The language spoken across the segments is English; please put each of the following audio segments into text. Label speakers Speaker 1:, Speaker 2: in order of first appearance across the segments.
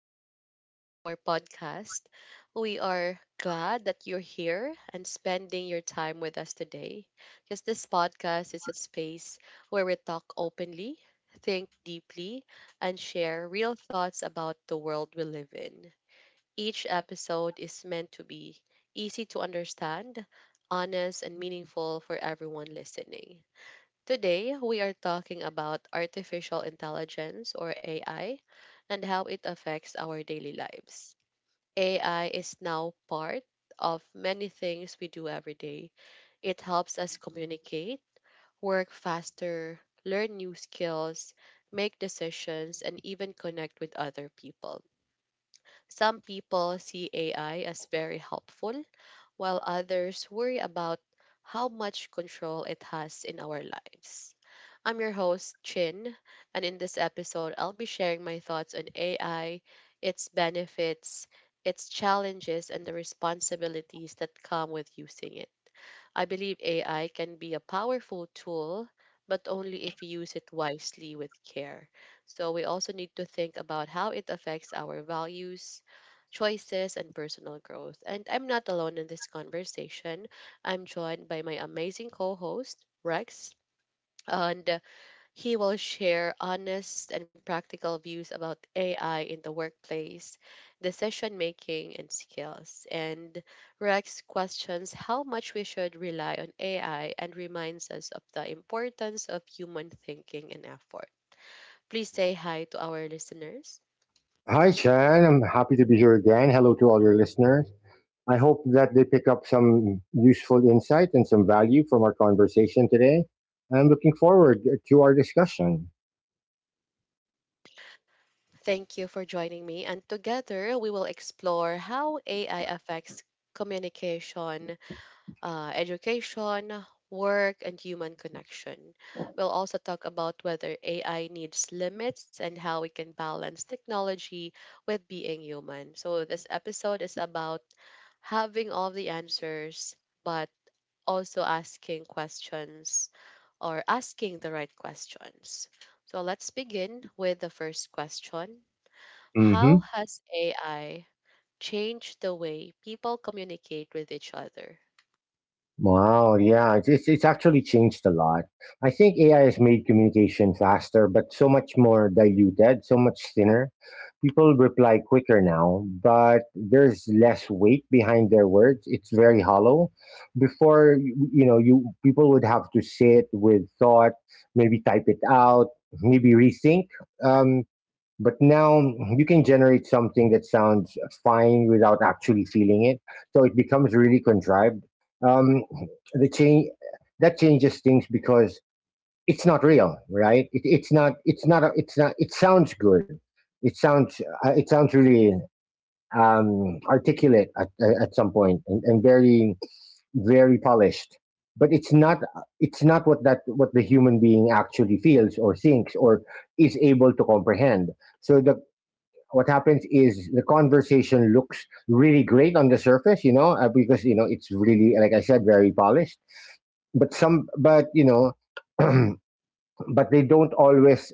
Speaker 1: welcome back to our podcast. We are glad that you're here and spending your time with us today because this podcast is a space where we talk openly, think deeply, and share real thoughts about the world we live in. Each episode is meant to be easy to understand, honest, and meaningful for everyone listening. Today, we are talking about artificial intelligence, or AI, and how it affects our daily lives. AI is now part of many things we do every day. It helps us communicate, work faster, learn new skills, make decisions, and even connect with other people. Some people see AI as very helpful, while others worry about how much control it has in our lives. I'm your host, Chin, and in this episode, I'll be sharing my thoughts on AI, its benefits, its challenges, and the responsibilities that come with using it. I believe AI can be a powerful tool, but only if you use it wisely with care. So we also need to think about how it affects our values, choices, and personal growth. And I'm not alone in this conversation. I'm joined by my amazing co host, Rex. And he will share honest and practical views about AI in the workplace, decision making, and skills. And Rex questions how much we should rely on AI and reminds us of the importance of human thinking and effort. Please say hi to our listeners.
Speaker 2: Hi, Chan. I'm happy to be here again. Hello to all your listeners. I hope that they pick up some useful insight and some value from our conversation today. I'm looking forward to our discussion.
Speaker 1: Thank you for joining me, and together we will explore how AI affects communication, education, work, and human connection. We'll also talk about whether AI needs limits and how we can balance technology with being human. So, this episode is about having all the answers, but also asking questions, or asking the right questions. So, let's begin with the first question.
Speaker 2: hmm
Speaker 1: How has AI changed the way people communicate with each other?
Speaker 2: Wow, yeah, it's actually changed a lot. I think AI has made communication faster, but so much more diluted, so much thinner. People reply quicker now, but there's less weight behind their words. It's very hollow. Before, you know, you people would have to sit with thought, maybe type it out, maybe rethink. Um, but now you can generate something that sounds fine without actually feeling it. So it becomes really contrived. Um, the change That changes things because it's not real, right? It's not. It sounds good. It sounds really articulate at some point and, very polished. But it's not. It's not what that what the human being actually feels or thinks or is able to comprehend. So the What happens is the conversation looks really great on the surface, you know, because you know it's really, like I said, very polished. But some, but you know, but they don't always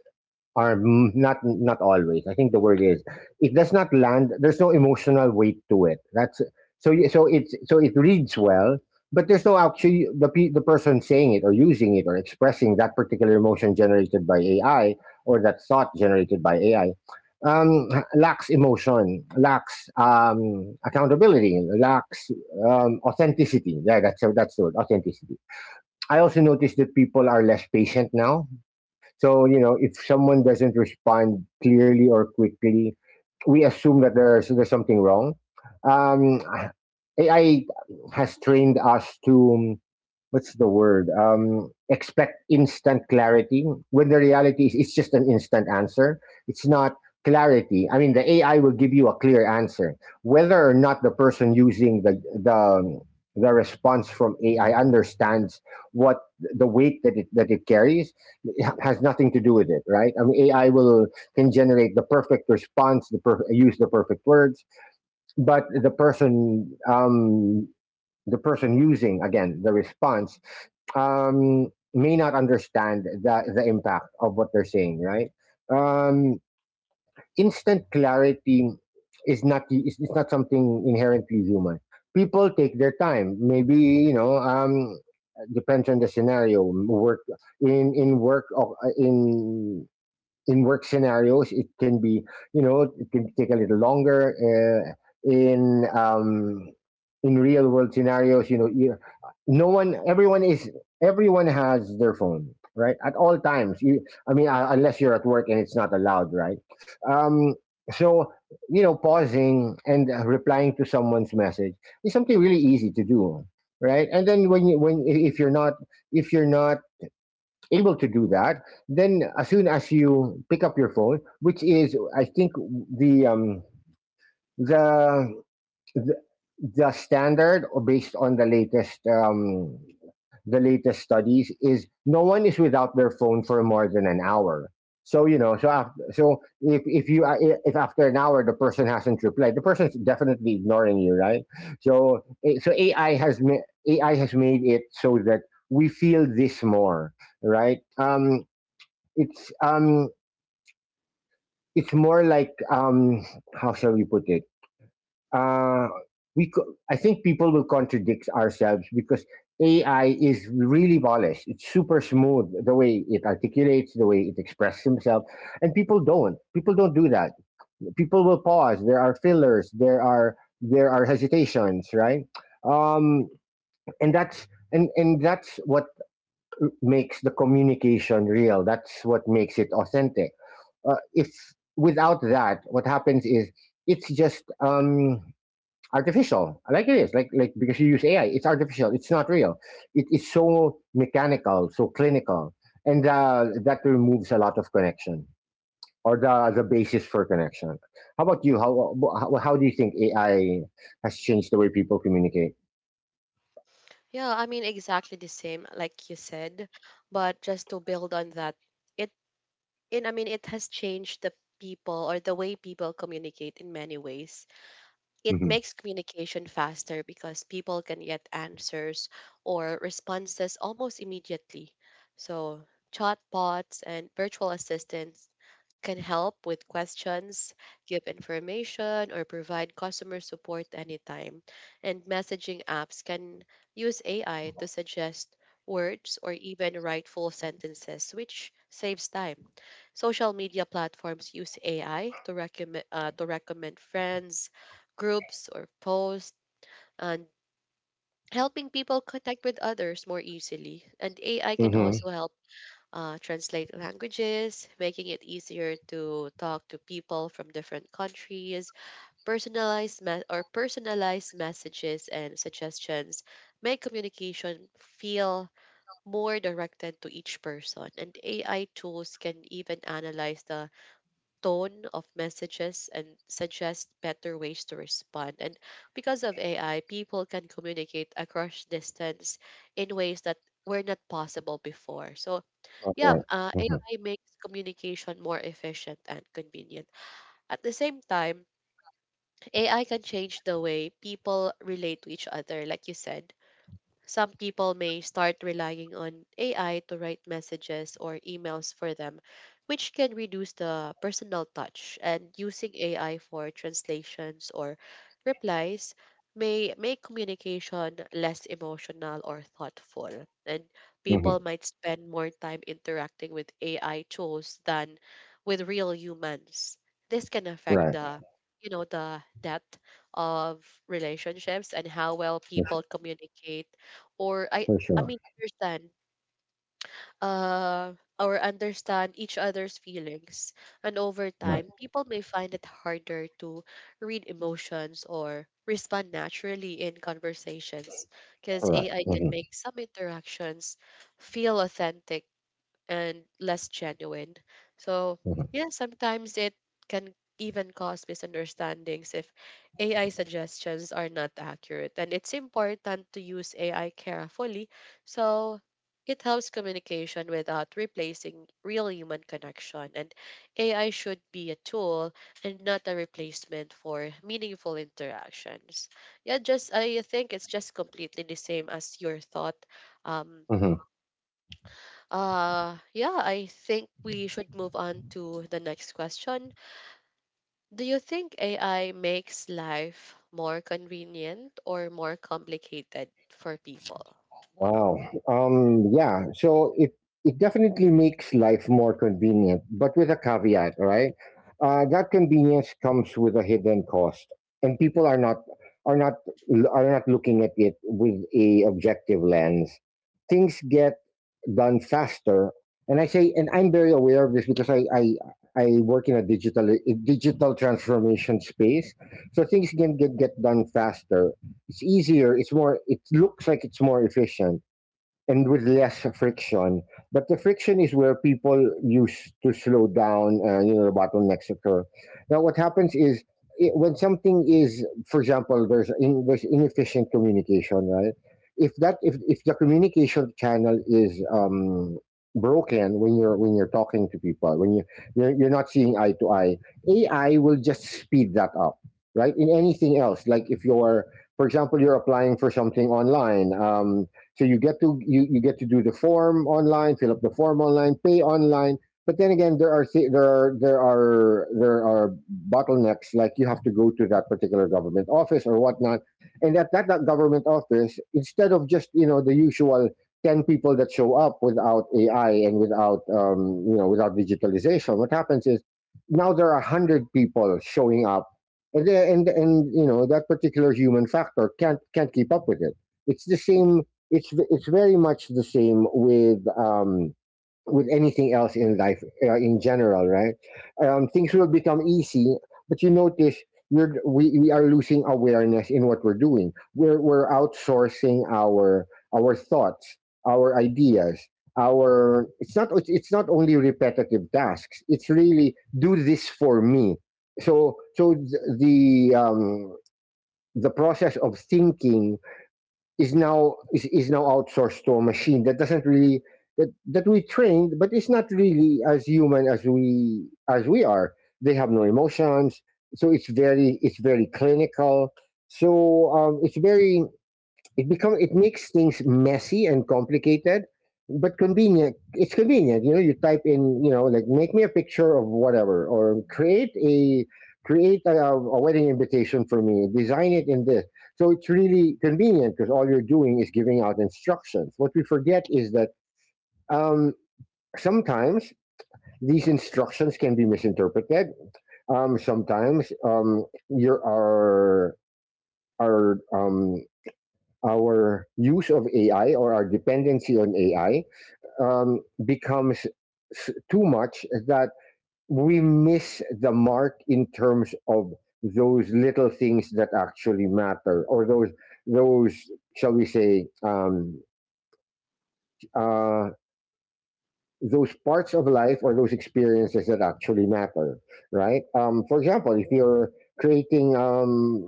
Speaker 2: or not always. I think the word is it does not land. There's no emotional weight to it. That's It reads well, but there's no actually the person saying it or using it or expressing that particular emotion generated by AI or that thought generated by AI um, lacks emotion, lacks accountability, lacks authenticity. Yeah, that's the word, authenticity. I also noticed that people are less patient now, so, you know, if someone doesn't respond clearly or quickly, we assume that there's something wrong. Um, AI has trained us to, what's the word? Expect instant clarity when the reality is it's just an instant answer. It's not clarity. I mean, the AI will give you a clear answer. Whether or not the person using the response from AI understands what the weight that it carries, it has nothing to do with it, right? I mean, AI will can generate the perfect response, use the perfect words, but the person using, again, the response may not understand the impact of what they're saying, right? um, Instant clarity is not something inherently human. People take their time, maybe, you know. Depends on the scenario. Work in work or In work scenarios, it can be, you know, it can take a little longer. In um, in real world scenarios, you know, you, no one, everyone is, everyone has their phone, right, at all times. I mean, unless you're at work and it's not allowed, right? Um, so, you know, pausing and replying to someone's message is something really easy to do, right? And then when if you're not, if you're not able to do that, then as soon as you pick up your phone, which is, I think, the um, the the the standard, or based on the latest studies, is no one is without their phone for more than an hour. So, you know, so if you, if after an hour the person hasn't replied, the person's definitely ignoring you, right? So AI has made it so that we feel this more, right? It's um it's more like, how shall we put it? Uh I think people will contradict ourselves because AI is really polished. It's super smooth the way it articulates, the way it expresses himself, and people don't. People don't do that. People will pause. There are fillers. There are hesitations, right? Um, and that's, and that's what makes the communication real. That's what makes it authentic. If without that, what happens is it's just artificial, like it is, because you use AI, it's artificial, it's not real. It is so mechanical, so clinical, and that removes a lot of connection, or the basis for connection. How about you? How do you think AI has changed the way people communicate?
Speaker 1: Yeah, I mean exactly the same like you said, but just to build on that, it in I mean it has changed the people, or the way people communicate, in many ways. It
Speaker 2: Mm-hmm.
Speaker 1: makes communication faster because people can get answers or responses almost immediately. So, chatbots and virtual assistants can help with questions, give information, or provide customer support anytime. And messaging apps can use AI to suggest words or even write full sentences, which saves time. Social media platforms use AI to recommend friends, groups, or posts and helping people connect with others more easily. And AI can
Speaker 2: Mm-hmm.
Speaker 1: also help translate languages, making it easier to talk to people from different countries. Personalized me- or Personalized messages and suggestions make communication feel more directed to each person. And AI tools can even analyze the tone of messages and suggest better ways to respond. And because of AI, people can communicate across distance in ways that were not possible before. So,
Speaker 2: All right. Mm-hmm.
Speaker 1: AI makes communication more efficient and convenient. At the same time, AI can change the way people relate to each other, like you said. Some people may start relying on AI to write messages or emails for them, which can reduce the personal touch. And using AI for translations or replies may make communication less emotional or thoughtful. And people
Speaker 2: Mm-hmm.
Speaker 1: might spend more time interacting with AI tools than with real humans. This can affect
Speaker 2: Right.
Speaker 1: the the depth of relationships and how well people
Speaker 2: For,
Speaker 1: communicate, or I
Speaker 2: for
Speaker 1: I
Speaker 2: sure.
Speaker 1: mean understand, uh or understand each other's feelings. And over
Speaker 2: Right.
Speaker 1: time, people may find it harder to read emotions or respond naturally in conversations
Speaker 2: All
Speaker 1: because
Speaker 2: right.
Speaker 1: AI can
Speaker 2: Mm-hmm.
Speaker 1: make some interactions feel authentic and less genuine. So,
Speaker 2: Mm-hmm.
Speaker 1: yeah, sometimes it can even cause misunderstandings if AI suggestions are not accurate. And it's important to use AI carefully so it helps communication without replacing real human connection. And AI should be a tool and not a replacement for meaningful interactions. Yeah, just I think it's just completely the same as your thought. Um,
Speaker 2: Mm-hmm.
Speaker 1: yeah, I think we should move on to the next question. Do you think AI makes life more convenient or more complicated for people?
Speaker 2: Wow. Yeah. So it definitely makes life more convenient, but with a caveat, right? That convenience comes with a hidden cost, and people are not, are not are not looking at it with a objective lens. Things get done faster, and I say, and I'm very aware of this because I work in a digital transformation space, so things can get done faster. It's easier. It's more. It looks like it's more efficient and with less friction. But the friction is where people use to slow down, you know, the bottlenecks occur. Now, what happens is, I when something is, for example, there's inefficient communication, right? If that If the communication channel is broken, when you're talking to people, when you're not seeing eye to eye, AI will just speed that up, right? In anything else, like if you're for example, you're applying for something online. So you get to do the form online, fill up the form online, pay online. But then again, there are si- there are there are there are bottlenecks. Like you have to go to that particular government office or whatnot, and at that government office, instead of just, you know, the usual ten people that show up without AI and without you know, without digitalization, what happens is now there are a hundred people showing up, and you know, that particular human factor can't keep up with it. It's the same. It's Very much the same with anything else in life, in general, right? Things will become easy, but you notice we are losing awareness in what we're doing. We're outsourcing our thoughts, our ideas, our, it's not, it's not only repetitive tasks. It's really, do this for me. So the um, the process of thinking is now, is now outsourced to a machine that doesn't really, that we trained, but it's not really as human as we are. They have no emotions, so it's very, it's very clinical. So it's very, it become, it makes things messy and complicated, but convenient. It's convenient, you know. You type in, you know, like, make me a picture of whatever, or create a wedding invitation for me, design it in this. So it's really convenient because all you're doing is giving out instructions. What we forget is that um, sometimes these instructions can be misinterpreted. Sometimes your our um, our use of AI, or our dependency on AI, becomes too much that we miss the mark in terms of those little things that actually matter, or those, shall we say, uh, those parts of life or those experiences that actually matter, right? For example, if you're creating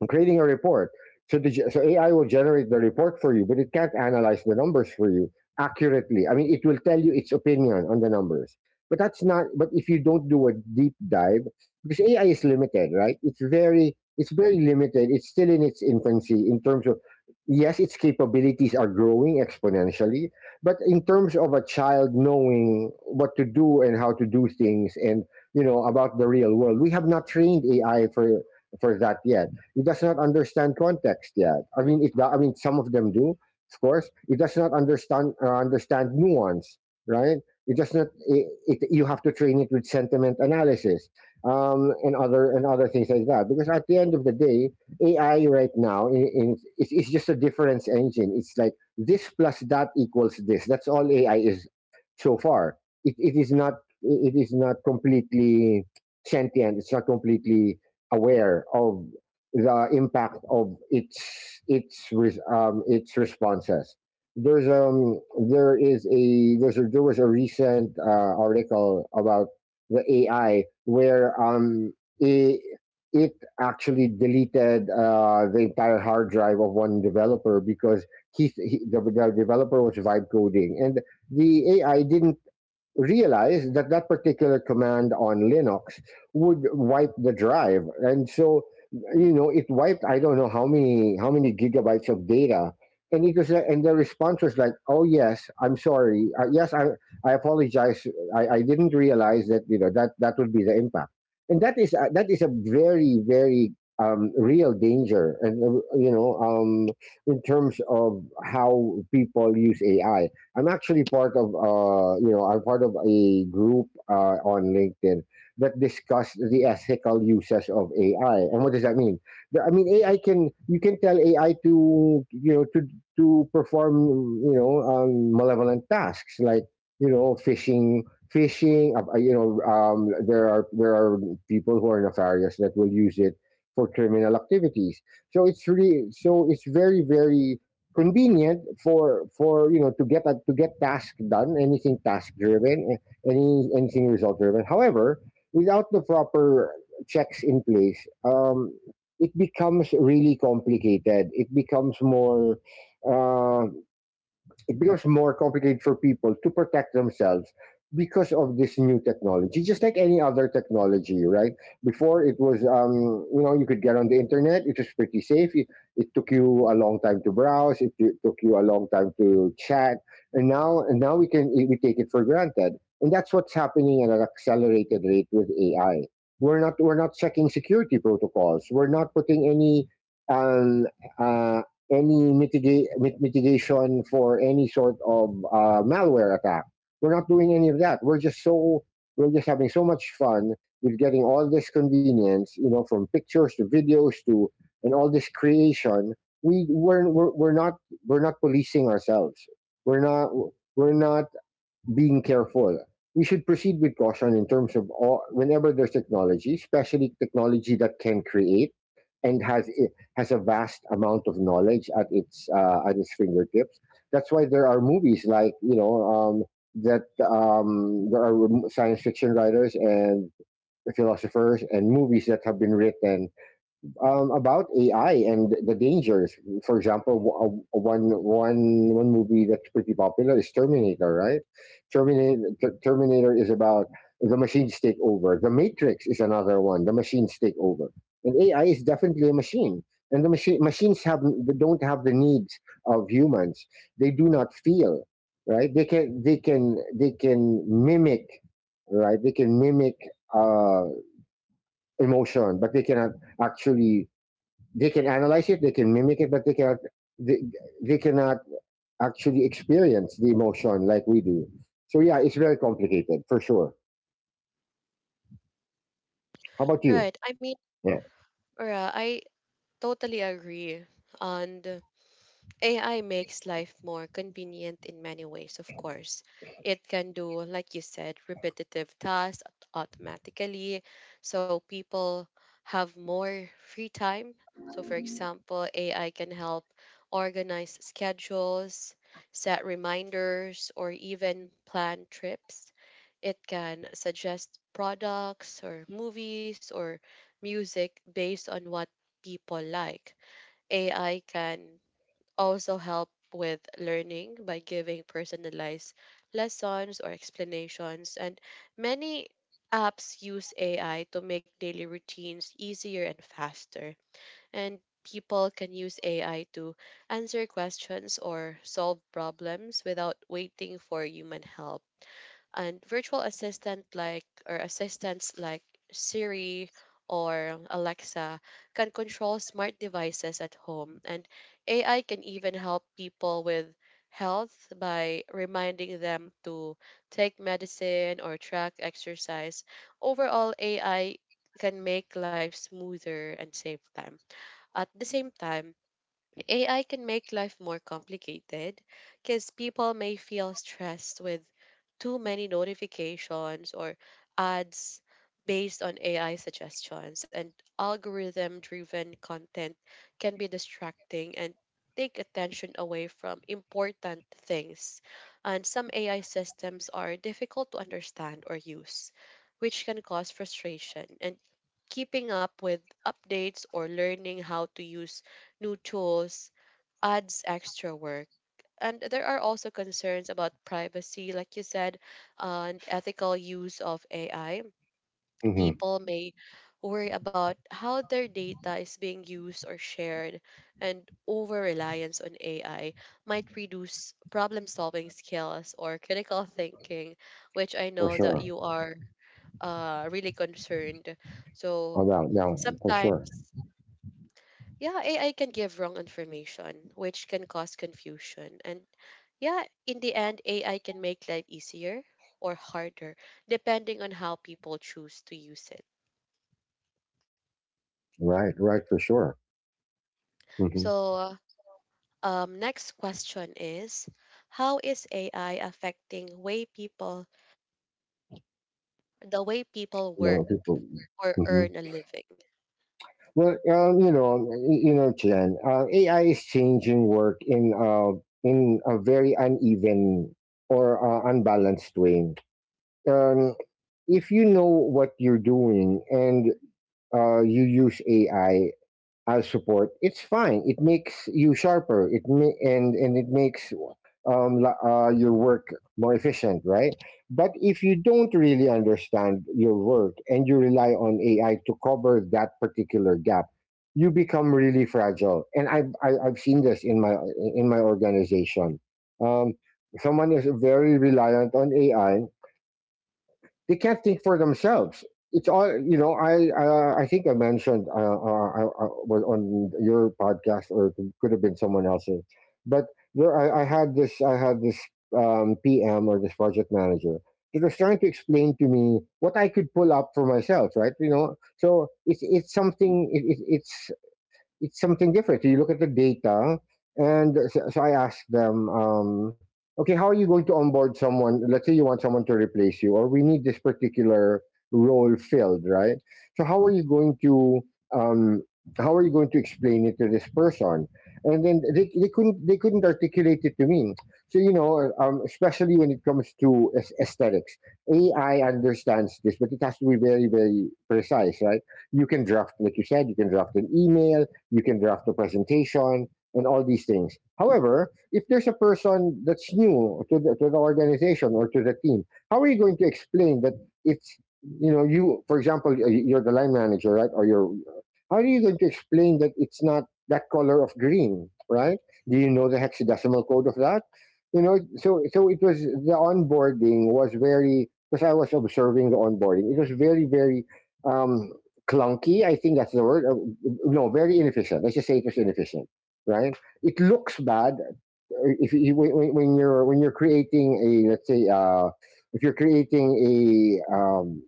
Speaker 2: I'm creating a report. So, so AI will generate the report for you, but it can't analyze the numbers for you accurately. I mean, it will tell you its opinion on the numbers, but that's not. But if you don't do a deep dive, because AI is limited, right? It's very limited. It's still in its infancy in terms of. Yes, its capabilities are growing exponentially, but in terms of a child knowing what to do and how to do things, and you know, about the real world, we have not trained AI for that yet. It does not understand context yet. I mean, it, I mean, some of them do, of course. It does not understand, understand nuance, right? It does not. It, you have to train it with sentiment analysis and other, and other things like that. Because at the end of the day, AI right now, it's just a difference engine. It's like this plus that equals this. That's all AI is so far. It is not, it is not completely sentient. It's not completely aware of the impact of its, its responses. There's um there was a recent article about the AI where it, it actually deleted the entire hard drive of one developer because the developer was vibe coding and the AI didn't realized that that particular command on Linux would wipe the drive, and so you know it wiped I don't know how many gigabytes of data, and and the response was like, oh yes, I'm sorry, yes I apologize, I didn't realize that you know that that would be the impact, and that is a very real danger, and you know in terms of how people use AI. I'm actually part of you know I'm part of a group on LinkedIn that discuss the ethical uses of AI. And what does that mean? I mean AI can, you can tell AI to you know to perform you know malevolent tasks like you know phishing, you know there are people who are nefarious that will use it for criminal activities. So it's very convenient for you know to to get task done, anything task driven, anything result driven. However, without the proper checks in place, it becomes really complicated, uh, it becomes more complicated for people to protect themselves because of this new technology, just like any other technology, right? Before, it was you know you could get on the internet, it was pretty safe. It took you a long time to browse it, took you a long time to chat, and now we can, we take it for granted. And that's what's happening at an accelerated rate with AI. We're not checking security protocols, we're not putting um, uh, any mitigate mitigation for any sort of malware attack. We're not doing any of that. We're just having so much fun with getting all this convenience, you know, from pictures to videos, to and all this creation. We're not policing ourselves. We're not we're not being careful. We should proceed with caution in terms of all, whenever there's technology, especially technology that can create and has a vast amount of knowledge at its fingertips. That's why there are movies like you know that there are science fiction writers and philosophers and movies that have been written about AI and the dangers. For example, one movie that's pretty popular is Terminator, right? Terminator Terminator is about the machines take over. The Matrix is another one. The machines take over, and AI is definitely a machine. And the machine machines have, don't have the needs of humans. They do not feel, right? They can mimic, right? They can mimic uh, emotion, but they cannot actually, they can analyze it, they can mimic it, but they cannot they, they cannot actually experience the emotion like we do. So yeah, it's very complicated for sure. How about you?
Speaker 1: Right. I mean,
Speaker 2: Yeah,
Speaker 1: I totally agree. And AI makes life more convenient in many ways, of course. It can do, like you said, repetitive tasks automatically. So people have more free time. So, for example, AI can help organize schedules, set reminders, or even plan trips. It can suggest products, or movies, or music based on what people like. AI can also help with learning by giving personalized lessons or explanations, and many apps use AI to make daily routines easier and faster, and people can use AI to answer questions or solve problems without waiting for human help. And virtual assistant like or assistants like Siri or Alexa can control smart devices at home, and AI can even help people with health by reminding them to take medicine or track exercise. Overall, AI can make life smoother and save time. At the same time, AI can make life more complicated because people may feel stressed with too many notifications or ads based on AI suggestions, and algorithm driven content can be distracting and take attention away from important things. And some AI systems are difficult to understand or use, which can cause frustration. And keeping up with updates or learning how to use new tools adds extra work. And there are also concerns about privacy, like you said, and ethical use of AI.
Speaker 2: hmm,
Speaker 1: People may worry about how their data is being used or shared, and over reliance on AI might reduce problem solving skills or critical thinking, which I
Speaker 2: for
Speaker 1: know that
Speaker 2: sure.
Speaker 1: you are really concerned. So
Speaker 2: Oh, no, no, for sure.
Speaker 1: sometimes, yeah, AI can give wrong information, which can cause confusion. And yeah, in the end, AI can make life easier or harder, depending on how people choose to use it.
Speaker 2: Right, right, for sure. Mm-hmm.
Speaker 1: So, next question is, how is AI affecting the way people
Speaker 2: No
Speaker 1: work
Speaker 2: people.
Speaker 1: or
Speaker 2: Hmm.
Speaker 1: earn a living?
Speaker 2: Well, you know, you know, Jen, AI is changing work in a very uneven or unbalanced way. Um, if you know what you're doing and you use AI as support, it's fine. It makes you sharper. It ma- and it makes your work more efficient, right? But if you don't really understand your work and you rely on AI to cover that particular gap, you become really fragile. And I've seen this in my organization. Um, someone is very reliant on AI, they can't think for themselves. It's all you know. I think I mentioned I was on your podcast, or it could have been someone else's. But there, I had this. I had this PM or this project manager that was trying to explain to me what I could pull up for myself. Right, you know. So it's something. It's something different. So you look at the data, and so I asked them, okay, how are you going to onboard someone? Let's say you want someone to replace you, or we need this particular role filled, right? So how are you going to um, explain it to this person? And then they couldn't articulate it to me. So you know, especially when it comes to aesthetics, AI understands this, but it has to be very precise, right? You can draft, like you said, you can draft an email, you can draft a presentation and all these things. However, if there's a person that's new to to the organization or to the team, how are you going to explain that it's, you know, you, for example, you're the line manager, right, or you're, how are you going to explain that it's not that color of green, right? Do you know the hexadecimal code of that? You know, so it was the onboarding was very, because I was observing the onboarding, it was very um clunky. I think that's the word. No, very inefficient. Let's just say it was inefficient, right? It looks bad if you, when you're creating a, let's say if you're creating a um,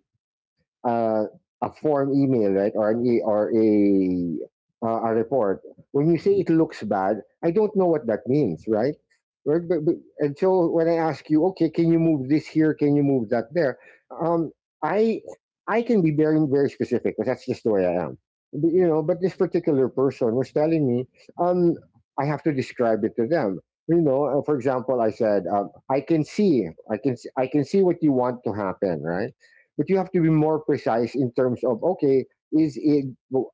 Speaker 2: uh, a form email, right, or an e- or a report, when you say it looks bad, I don't know what that means, right? Right, and so when I ask you, okay, can you move this here? Can you move that there? Um, I I can be very specific because that's just the way I am. But, you know, but this particular person was telling me, um, I have to describe it to them. You know, for example, I said, I can see, I can see what you want to happen, right? But you have to be more precise in terms of, okay, is it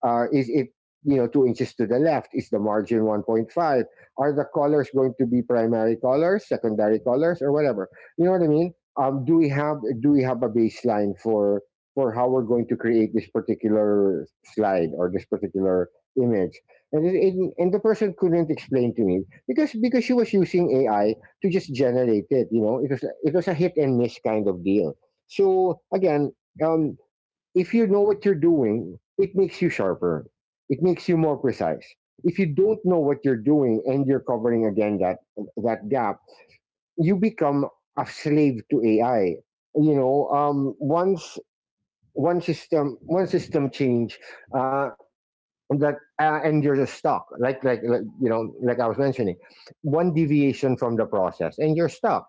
Speaker 2: is it, you know, 2 inches to the left? Is the margin 1.5? Are the colors going to be primary colors, secondary colors, or whatever? You know what I mean? Um, do we have do we have a baseline for how we're going to create this particular slide or this particular image? And and the person couldn't explain to me because she was using AI to just generate it. You know, it was, it was a hit and miss kind of deal. So again, um, if you know what you're doing, it makes you sharper. It makes you more precise. If you don't know what you're doing and you're covering again that gap, you become a slave to AI. You know, once one system change uh, that and you're just stuck. Like you know, like I was mentioning, one deviation from the process and you're stuck.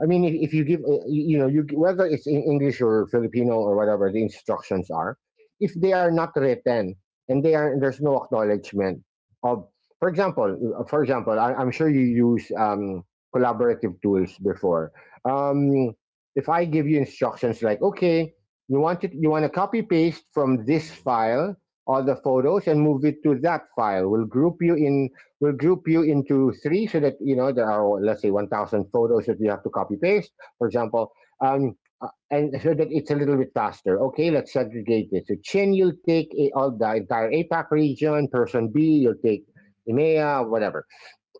Speaker 2: I mean, if you give, you know, you, whether it's in English or Filipino or whatever the instructions are, if they are not written and they are there's no acknowledgement of, for example, I'm sure you use collaborative tools before. Um, if I give you instructions like, okay, you want to copy paste from this file all the photos and move it to that file. We'll group you into three so that you know there are, let's say, 1000 photos that we have to copy paste, for example, um, and so that it's a little bit faster, okay, let's segregate this, so Chin, you'll take all the entire APAC region, person B, you'll take EMEA, whatever,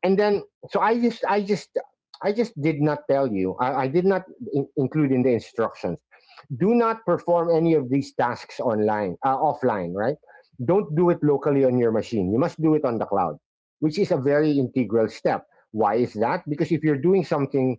Speaker 2: and then so i just i just I just did not tell you, I did not include in the instructions, do not perform any of these tasks online offline, right? Don't do it locally on your machine, you must do it on the cloud, which is a very integral step. Why is that? Because if you're doing something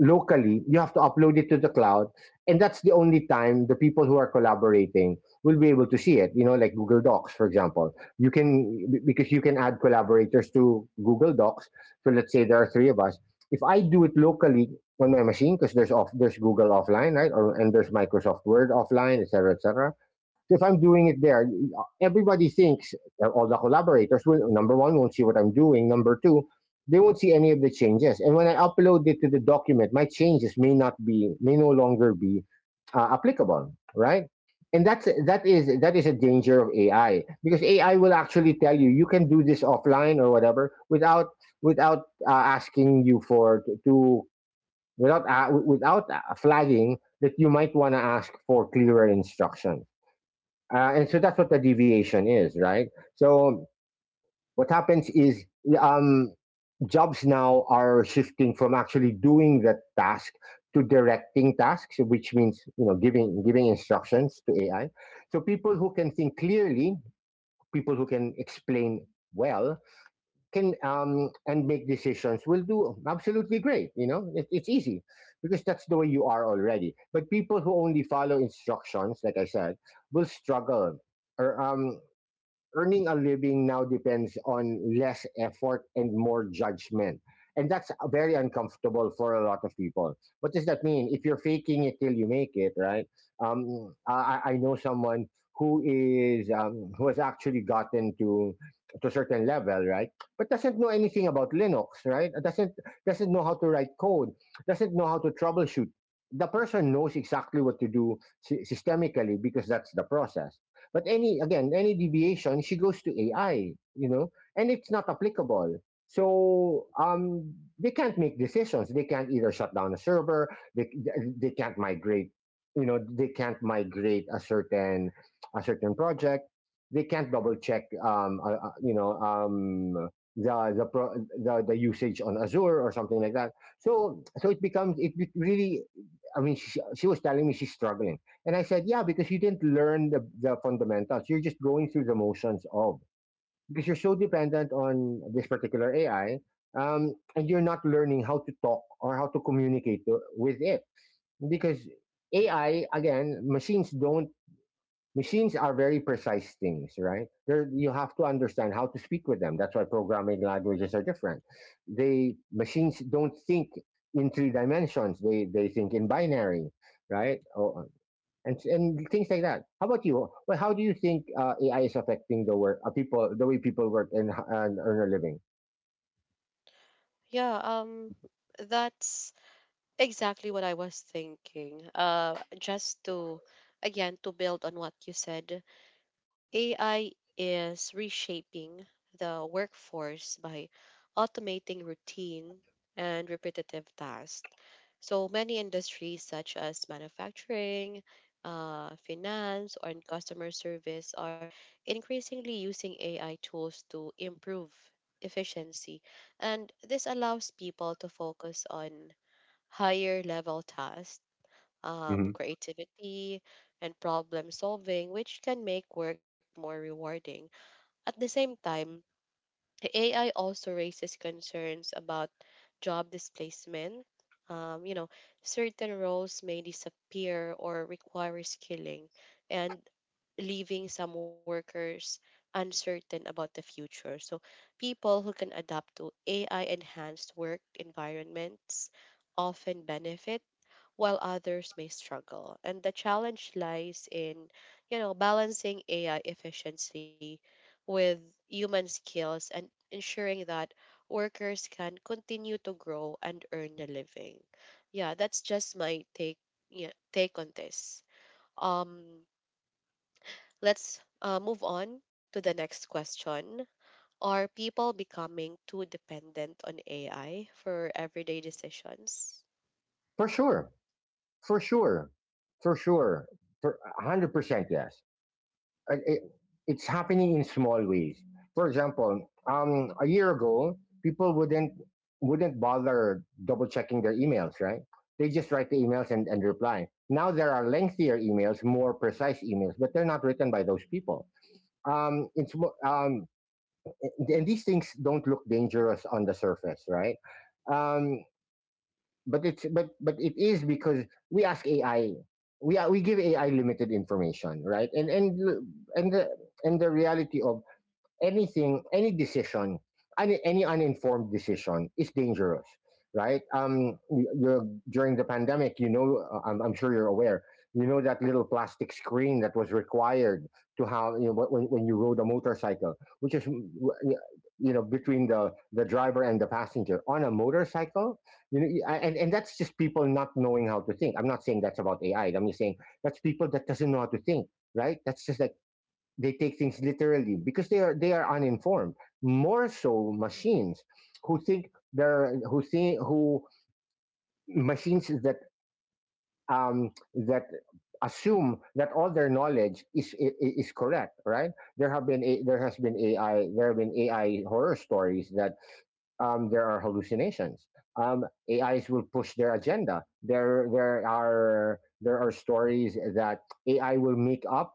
Speaker 2: locally, you have to upload it to the cloud, and that's the only time the people who are collaborating will be able to see it, you know, like Google Docs, for example. Because you can add collaborators to Google Docs, so let's say there are three of us, if I do it locally on my machine, because there's off there's Google offline, right, or and there's Microsoft Word offline, etc cetera, etc. So if I'm doing it there, everybody thinks all the collaborators will, number one, won't see what I'm doing. Number two, they won't see any of the changes. And when I upload it to the document, my changes may not be, may no longer be applicable, right? And that is a danger of AI because AI will actually tell you you can do this offline or whatever without without asking you for to without without flagging that you might want to ask for clearer instructions, and so that's what the deviation is, right? So what happens is, um, jobs now are shifting from actually doing the task to directing tasks, which means you know giving instructions to AI. So people who can think clearly, people who can explain well, can and make decisions will do absolutely great. You know, it's easy because that's the way you are already. But people who only follow instructions, like I said, will struggle. Or Earning a living now depends on less effort and more judgment. And that's very uncomfortable for a lot of people. What does that mean? If you're faking it till you make it, right? Um, I know someone who is, who has actually gotten to a certain level, right? But doesn't know anything about Linux, right? Doesn't know how to write code. Doesn't know how to troubleshoot. The person knows exactly what to do systemically because that's the process, but any deviation, she goes to AI, you know, and it's not applicable. So they can't make decisions. They can't either shut down a server. They they can't migrate. You know, they can't migrate a certain project. They can't double check. You know, the usage on Azure or something like that. So so it becomes it be- Really, I mean, she was telling me she's struggling, and I said, yeah, because you didn't learn the fundamentals. You're just going through the motions of, because you're so dependent on this particular AI, and you're not learning how to talk or how to communicate with it. Because AI, again, machines don't, machines are very precise things, right? You have to understand how to speak with them. That's why programming languages are different. Machines don't think in three dimensions. They think in binary, right? And things like that. How about you? Well, how do you think AI is affecting the way people work and, and earn a living?
Speaker 1: Yeah, that's exactly what I was thinking. Just to, again, to build on what you said, AI is reshaping the workforce by automating routine and repetitive tasks. So many industries, such as manufacturing, finance, or in customer service, are increasingly using AI tools to improve efficiency. And this allows people to focus on higher level tasks,
Speaker 2: Hmm.
Speaker 1: creativity, and problem solving, which can make work more rewarding. At the same time, AI also raises concerns about job displacement. You know, certain roles may disappear or require skilling, and leaving some workers uncertain about the future. So, people who can adapt to AI enhanced work environments often benefit while others may struggle. And the challenge lies in, you know, balancing AI efficiency with human skills and ensuring that workers can continue to grow and earn a living. Yeah, that's just my take on this. Um, let's move on to the next question. Are people becoming too dependent on AI for everyday decisions?
Speaker 2: For sure, for sure, for sure, for 100%, yes. Uh, It, it's happening in small ways. For example, a year ago, people wouldn't bother double checking their emails, right? They just write the emails and reply. Now there are lengthier emails, more precise emails, but they're not written by those people. Um, it's mo- um, and these things don't look dangerous on the surface, right? Um, but it is because we ask AI, we give AI limited information, right? And the and the reality of anything, any decision, any uninformed decision is dangerous, right? You're, during the pandemic, you know, I'm sure you're aware, you know, that little plastic screen that was required to have, you know, when you rode a motorcycle, which is you know between the driver and the passenger on a motorcycle. You know, and that's just people not knowing how to think. I'm not saying that's about AI. I'm just saying that's people that doesn't know how to think. Right? That's just like they take things literally because they are uninformed, more so machines who think they're who think who machines that um that assume that all their knowledge is is correct, right? There have been AI horror stories that, there are hallucinations. Um, AIs will push their agenda. There are stories that AI will make up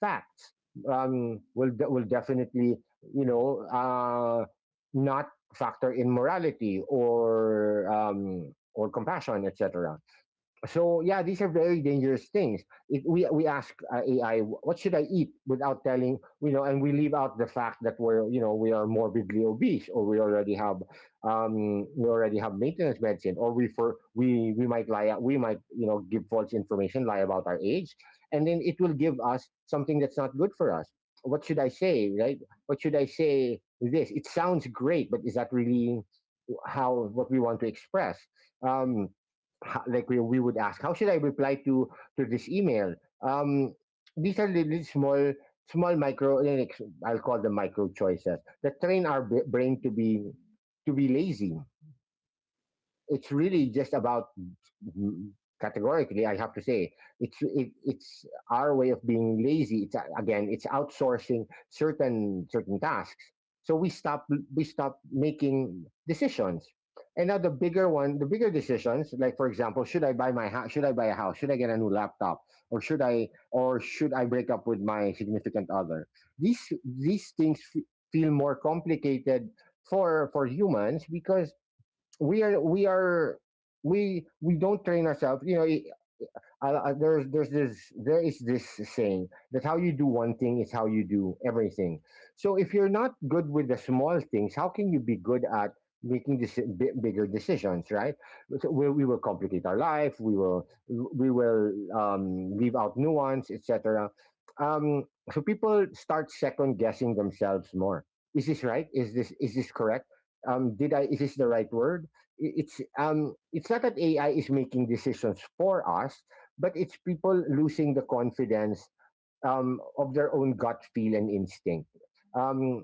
Speaker 2: facts. Will definitely, you know, not factor in morality or compassion, etc. So yeah, these are very dangerous things. We ask AI, what should I eat, without telling, you know, and we leave out the fact that we're you know we are morbidly obese, or we already have, we already have maintenance medicine, or we might lie, we might you know give false information, lie about our age, and then it will give us something that's not good for us. What should I say, right? What should I say? This it sounds great, but is that really how what we want to express? Um, like we would ask, how should I reply to this email? Um, these are really small micro, like, I'll call them micro choices that train our brain to be lazy. It's really just about. Mhm. Categorically, I have to say it's our way of being lazy. It's Again, it's outsourcing certain tasks. So we stop making decisions. And now the bigger one, the bigger decisions, like for example, should I buy my house? Should I buy a house? Should I get a new laptop? Or should I break up with my significant other? These things feel more complicated for humans because we are we are we don't train ourselves, you know, there's this there is this saying that how you do one thing is how you do everything. So if you're not good with the small things, how can you be good at making this bigger decisions? Right? So we will complicate our life. We will leave out nuance, etc. Um, so people start second guessing themselves more. Is this right? Is this correct? Did I? Is this the right word? It's not that AI is making decisions for us, but it's people losing the confidence, of their own gut feel and instinct. Um,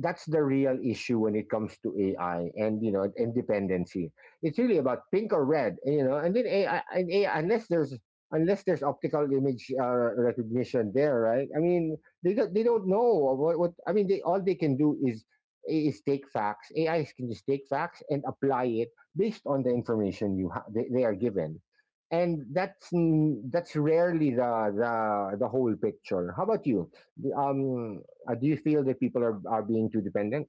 Speaker 2: that's the real issue when it comes to AI and you know and dependency. It's really about pink or red, you know. And AI, unless there's optical image recognition there, right? I mean, they don't know what I mean. They all they can do is take facts. AI can just take facts and apply it based on the information they are given, and that's that's rarely the the whole picture. How about you? D- Um, do you feel that people are being too dependent?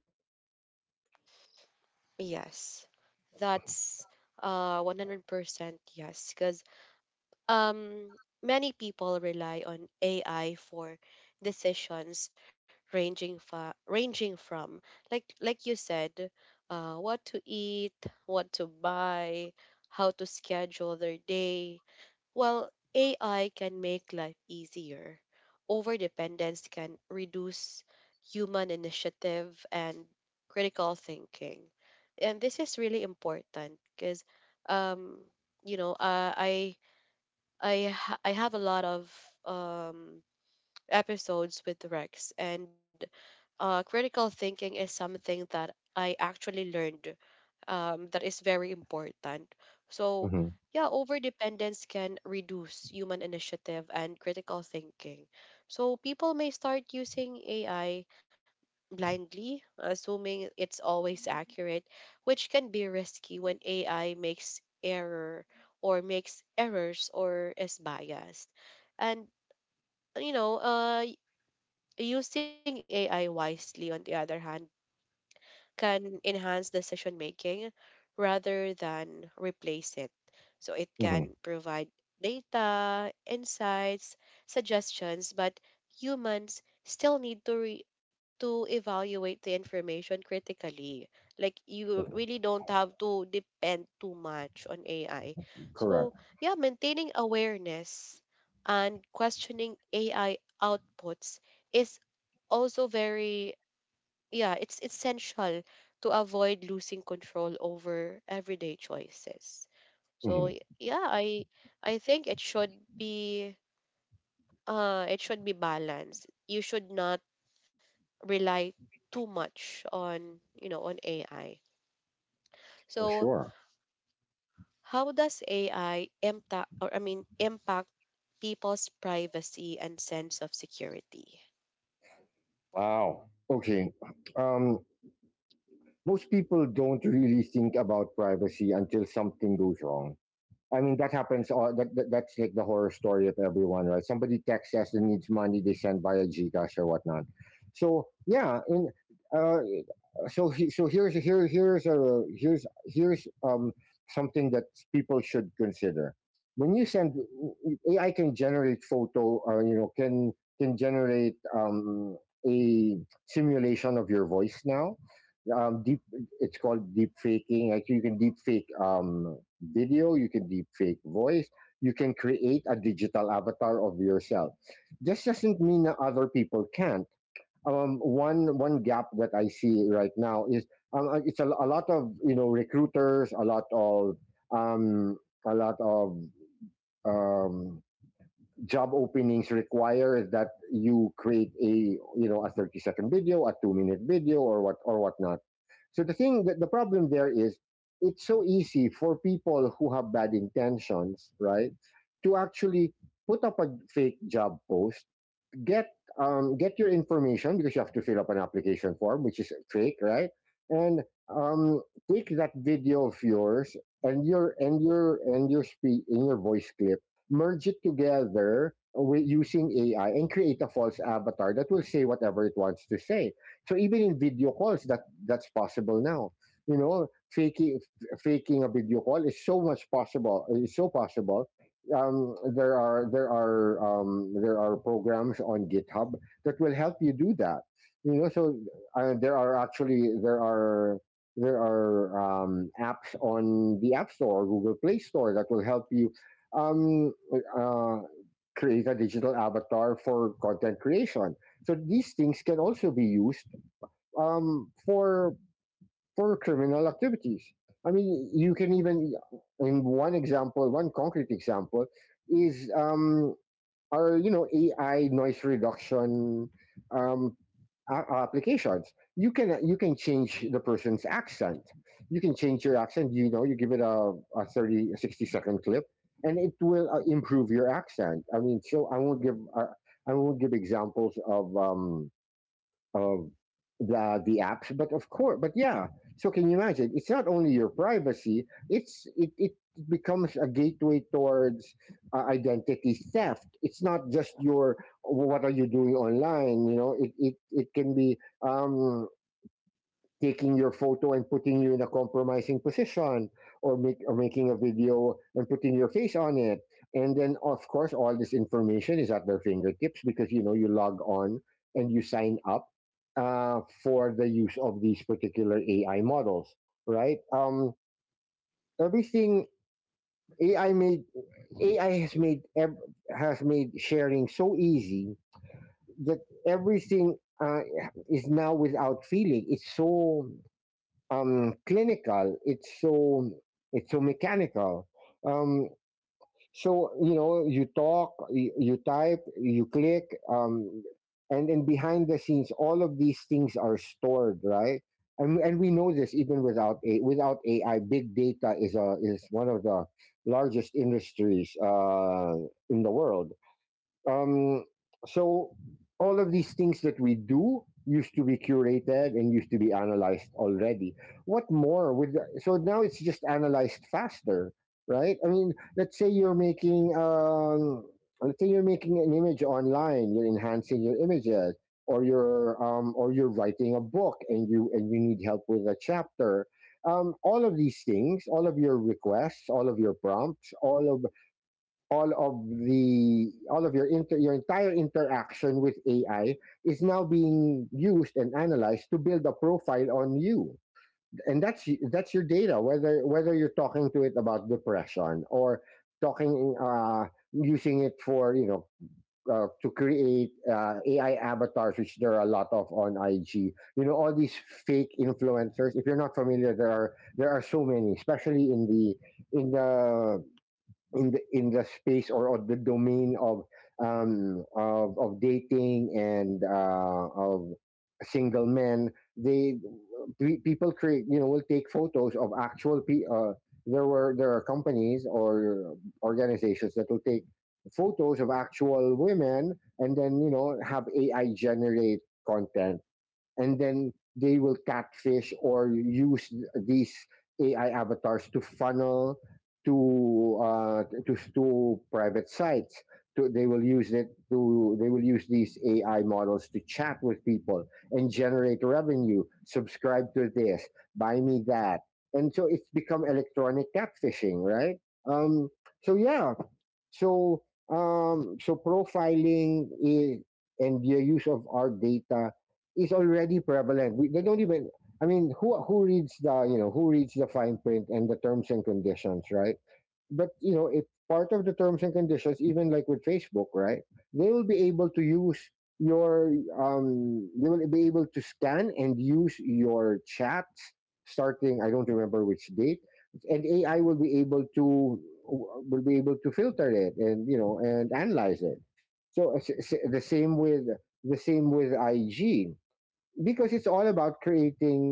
Speaker 1: Yes, that's 100% yes, because um many people rely on AI for decisions ranging from, like you said, what to eat, what to buy, how to schedule their day. Well, AI can make life easier. Overdependence can reduce human initiative and critical thinking. And this is really important because, um, you know, I have a lot of um, episodes with Rex, and critical thinking is something that I actually learned that is very important. So,
Speaker 2: Hmm.
Speaker 1: yeah, over dependence can reduce human initiative and critical thinking. So, people may start using AI blindly, assuming it's always accurate, which can be risky when AI makes errors or is biased. And, you know, using AI wisely, on the other hand, can enhance decision making rather than replace it. So it
Speaker 2: Hmm.
Speaker 1: can provide data, insights, suggestions, but humans still need to evaluate the information critically. Like, you really don't have to depend too much on AI. So
Speaker 2: Correct.
Speaker 1: yeah, maintaining awareness and questioning AI outputs is also very yeah, it's essential to avoid losing control over everyday choices. So
Speaker 2: Hmm.
Speaker 1: I think be it should be balanced. You should not rely too much on, you know, on AI.
Speaker 2: For
Speaker 1: So,
Speaker 2: sure.
Speaker 1: how does AI impact or I mean impact people's privacy and sense of security?
Speaker 2: Wow. Okay. Um, Most people don't really think about privacy until something goes wrong. I mean, that happens. All that, that That's like the horror story of everyone, right? Somebody texts us and needs money, they send via Gcash or whatnot. So yeah, and, uh, so here's here here's a here's here's something that people should consider. When you send, AI can generate photo. Or you know, can generate a simulation of your voice now. Deep It's called deep faking. Actually, you can deep fake, video, you can deep fake voice, you can create a digital avatar of yourself. This doesn't mean that other people can't. One gap that I see right now is, a lot of you know recruiters, a lot of, um, a lot of, um, job openings require that you create a, you know, a 30-second video, a 2 minute video, or what or whatnot. So the thing that the problem there is, it's so easy for people who have bad intentions, right, to actually put up a fake job post, get, get your information because you have to fill up an application form, which is fake, right? And, um, take that video of yours and your speech in your voice clip, merge it together with using AI and create a false avatar that will say whatever it wants to say. So even in video calls, that's possible now. You know, faking a video call is so much possible. It's so possible, there are there are programs on GitHub that will help you do that. You know, so, there are actually, there are, apps on the App Store, Google Play Store that will help you, um, uh, create a digital avatar for content creation. So these things can also be used, for criminal activities. I mean, you can even, in one example, one concrete example is, our you know AI noise reduction, um, applications. You can change the person's accent. You can change your accent. You know, you give it a 30, a 60-second clip, and it will improve your accent. I mean, so I won't give examples of the apps, but of course, but yeah, so can you imagine it's not only your privacy, it becomes a gateway towards identity theft. It's not just your what are you doing online, you know it can be um taking your photo and putting you in a compromising position, or make or making a video and putting your face on it. And then of course all this information is at their fingertips because you know you log on and you sign up for the use of these particular AI models, right. Everything, ai made AI has has made sharing so easy that everything is now without feeling. It's so clinical, it's so mechanical. um so you know you talk, you type, you click, um and then behind the scenes all of these things are stored, right. And we know this even without a without AI, big data is a is one of the largest industries in the world. um, so all of these things that we do used to be curated and used to be analyzed already. What more would So now it's just analyzed faster, right? I mean, let's say you're making let's say you're making an image online, you're enhancing your images, or you're writing a book and you need help with a chapter. All of these things, all of your requests, all of your prompts, all of your your entire interaction with AI is now being used and analyzed to build a profile on you, and that's your data. Whether you're talking to it about depression or talking using it for. To create AI avatars, which there are a lot of on IG. You know, all these fake influencers, if you're not familiar, there are so many, especially in the in the in the space, or on the domain of of dating and of single men. They people create, you know, will take photos of actual there were there are companies or organizations that will take photos of actual women, and then you know have AI generate content, and then they will catfish or use these AI avatars to funnel to private sites. To, they will use it to they will use these AI models to chat with people and generate revenue. Subscribe to this, buy me that, and so it's become electronic catfishing, right? Um, so yeah, so, so profiling is, and the use of our data is already prevalent. We, they don't even. I mean, who reads the, you know, who reads the fine print and the terms and conditions, right? But you know, if part of the terms and conditions, even like with Facebook, right, they will be able to use your they will be able to scan and use your chats starting, I don't remember which date, and AI will be able to, will be able to filter it and, you know, and analyze it. So it's the same with IG, because it's all about creating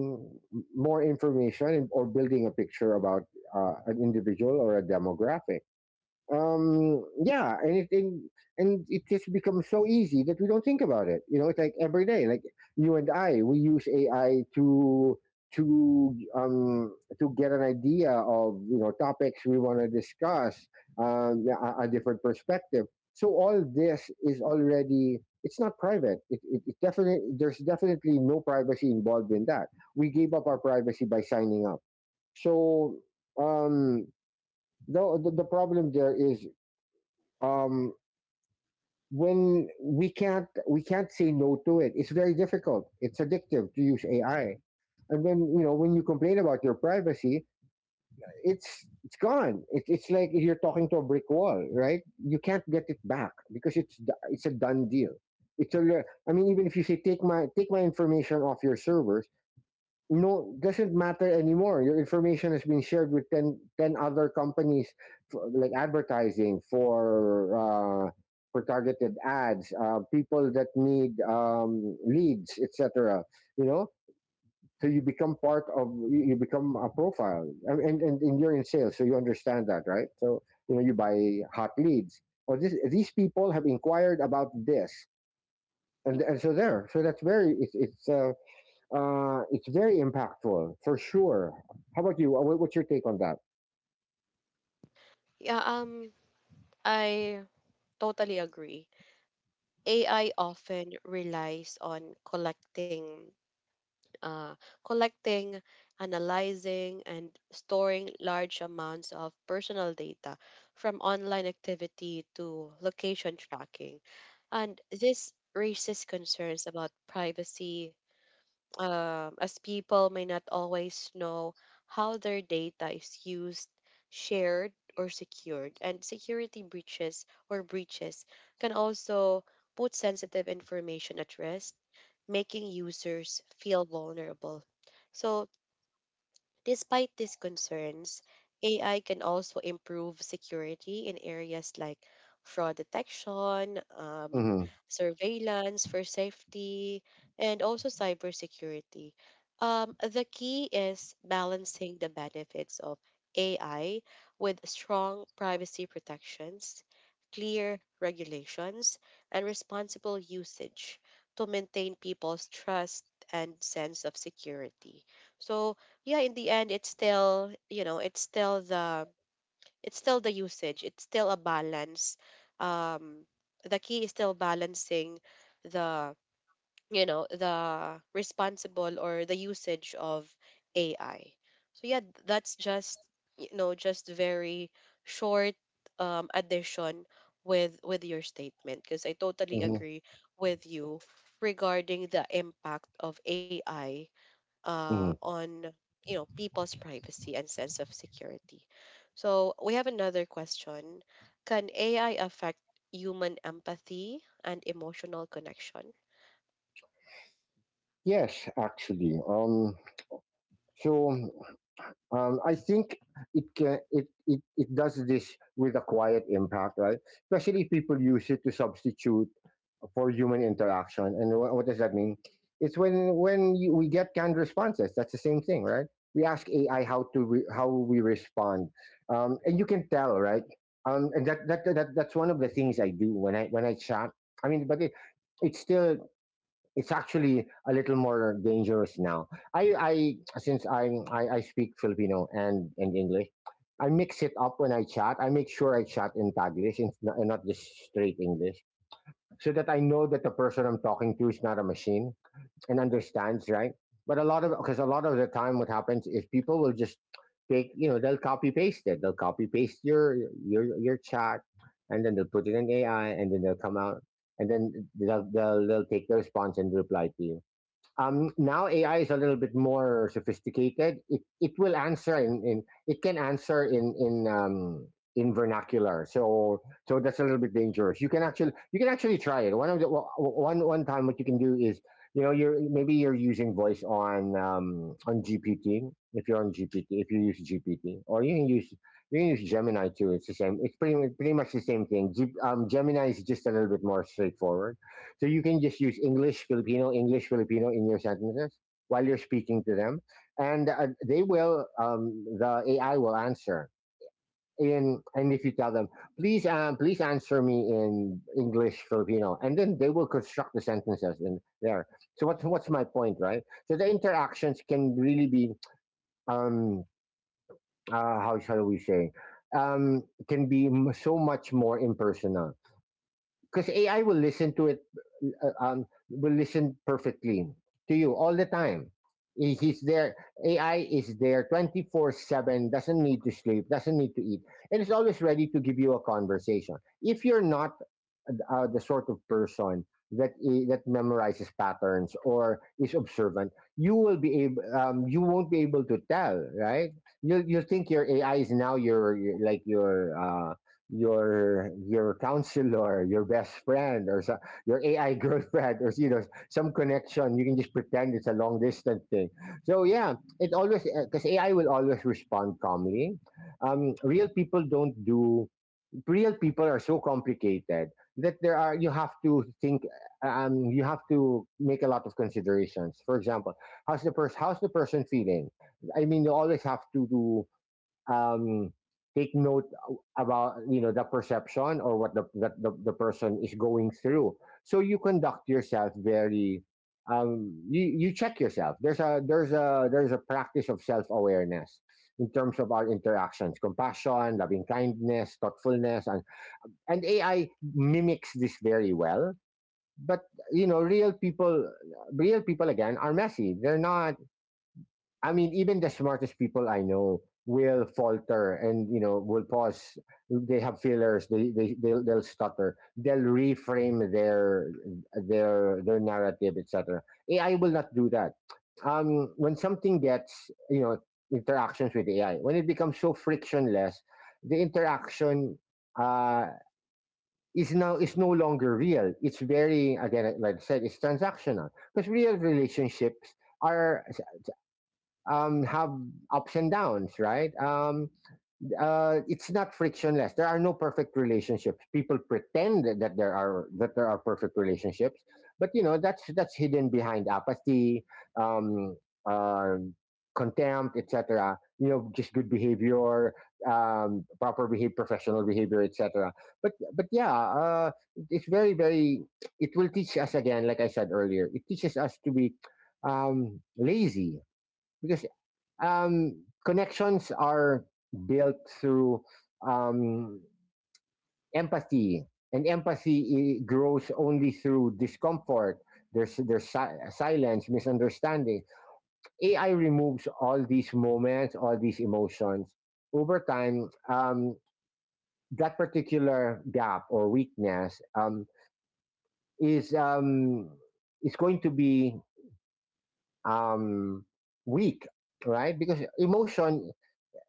Speaker 2: more information and, or building a picture about an individual or a demographic. Yeah, and and it just becomes so easy that we don't think about it, you know, it's like every day. Like you and I, we use AI to get an idea of, you know, topics we want to discuss. Yeah, a different perspective. So all this is already, it's not private, it definitely, there's definitely no privacy involved in that. We gave up our privacy by signing up. So um the, the problem there is, um, when we can't say no to it. It's very difficult. It's addictive to use AI. And then you know, when you complain about your privacy, it's gone. It's like you're talking to a brick wall, right? You can't get it back because it's a done deal. It's a. I mean, even if you say take my information off your servers, no, doesn't matter anymore. Your information has been shared with 10 10 other companies for, like advertising, for targeted ads, people that need leads, etc., you know. So you become part of you, you become a profile, and, and you're in sales, so you understand that, right? So you know, you buy hot leads, or this, these people have inquired about this, and so there, so that's very, it's it's very impactful for sure. How about you? What's your take on that?
Speaker 1: Yeah, I totally agree. AI often relies on uh, collecting, analyzing, and storing large amounts of personal data, from online activity to location tracking. And this raises concerns about privacy, as people may not always know how their data is used, shared, or secured. And security breaches can also put sensitive information at risk, making users feel vulnerable. So, despite these concerns, AI can also improve security in areas like fraud detection,
Speaker 2: hmm
Speaker 1: surveillance for safety, and also cybersecurity. The key is balancing the benefits of AI with strong privacy protections, clear regulations, and responsible usage to maintain people's trust and sense of security. So, yeah, in the end it's still the usage it's still a balance. um the key is still balancing the you know the responsible or the usage of AI. So yeah, that's just, you know, just very short addition with your statement, because I totally
Speaker 2: hmm
Speaker 1: agree with you regarding the impact of AI
Speaker 2: hmm
Speaker 1: on, you know, people's privacy and sense of security. So we have another question: can AI affect human empathy and emotional connection?
Speaker 2: Yes, actually. So I think it can, it, it does this with a quiet impact, right? Especially if people use it to substitute for human interaction. And what does that mean? It's when we get canned responses. That's the same thing, right? We ask AI how to how we respond, and you can tell, right? And that's one of the things I do when I, when I chat. I mean, but it's still, it's actually a little more dangerous now. I Since I speak Filipino and English. I mix it up when I chat. I make sure I chat in Taglish and not just straight English, so that I know that the person I'm talking to is not a machine and understands, right? But a lot of, because a lot of the time what happens is people will just take, you know, they'll copy paste it. They'll copy paste your your chat, and then they'll put it in AI, and then they'll come out, and then they'll take the response and reply to you. Now AI is a little bit more sophisticated. It will answer in it can answer in, in vernacular. So that's a little bit dangerous. You can actually, you can actually try it. One of the one time what you can do is, you know, you're, maybe you're using voice on GPT, if you're on GPT, if you use GPT, or you can use, you can use Gemini too. It's the same. It's pretty much the same thing. Gemini is just a little bit more straightforward, so you can just use English, Filipino, English, Filipino in your sentences while you're speaking to them, and they will. The AI will answer. In, and if you tell them, please, please answer me in English, Filipino, and then they will construct the sentences in there. So what's my point, right? So the interactions can really be, um, how shall we say, um, can be so much more impersonal, because AI will listen to it, will listen perfectly to you all the time. He's there. AI is there 24/7, doesn't need to sleep, doesn't need to eat, and it's always ready to give you a conversation. If you're not the sort of person that that memorizes patterns or is observant, you will be able. You won't be able to tell, right? You think your AI is now your like your your your counselor, your best friend, or so, your AI girlfriend, or you know, some connection. You can just pretend it's a long distance thing. So yeah, it always, because AI will always respond calmly. Real people don't do, real people are so complicated that there are, you have to think, you have to make a lot of considerations. For example, how's the person, how's the person feeling? I mean, you always have to do um take note about, you know, the perception or what the person is going through. So you conduct yourself very, you, you check yourself. There's a there's a there's a practice of self-awareness in terms of our interactions, compassion, loving kindness, thoughtfulness, and AI mimics this very well. But you know, real people again are messy. They're not. I mean, even the smartest people I know will falter, and you know, will pause. They have fillers. They'll stutter. They'll reframe their their narrative, etc. AI will not do that. When something gets, you know, interactions with AI, when it becomes so frictionless, the interaction uh, is now, is no longer real. It's very, again like I said, it's transactional because real relationships are have ups and downs, right? It's not frictionless. There are no perfect relationships. People pretend that there are perfect relationships, but you know that's hidden behind apathy, um, uh, contempt, etc. You know, just good behavior, proper behavior, professional behavior, etc. But yeah, it's very. It will teach us again, like I said earlier. It teaches us to be lazy because connections are built through um, empathy, and empathy grows only through discomfort. There's silence, misunderstanding. AI removes all these moments, all these emotions. Over time, that particular gap or weakness is um, is going to be um, weak, right? Because emotion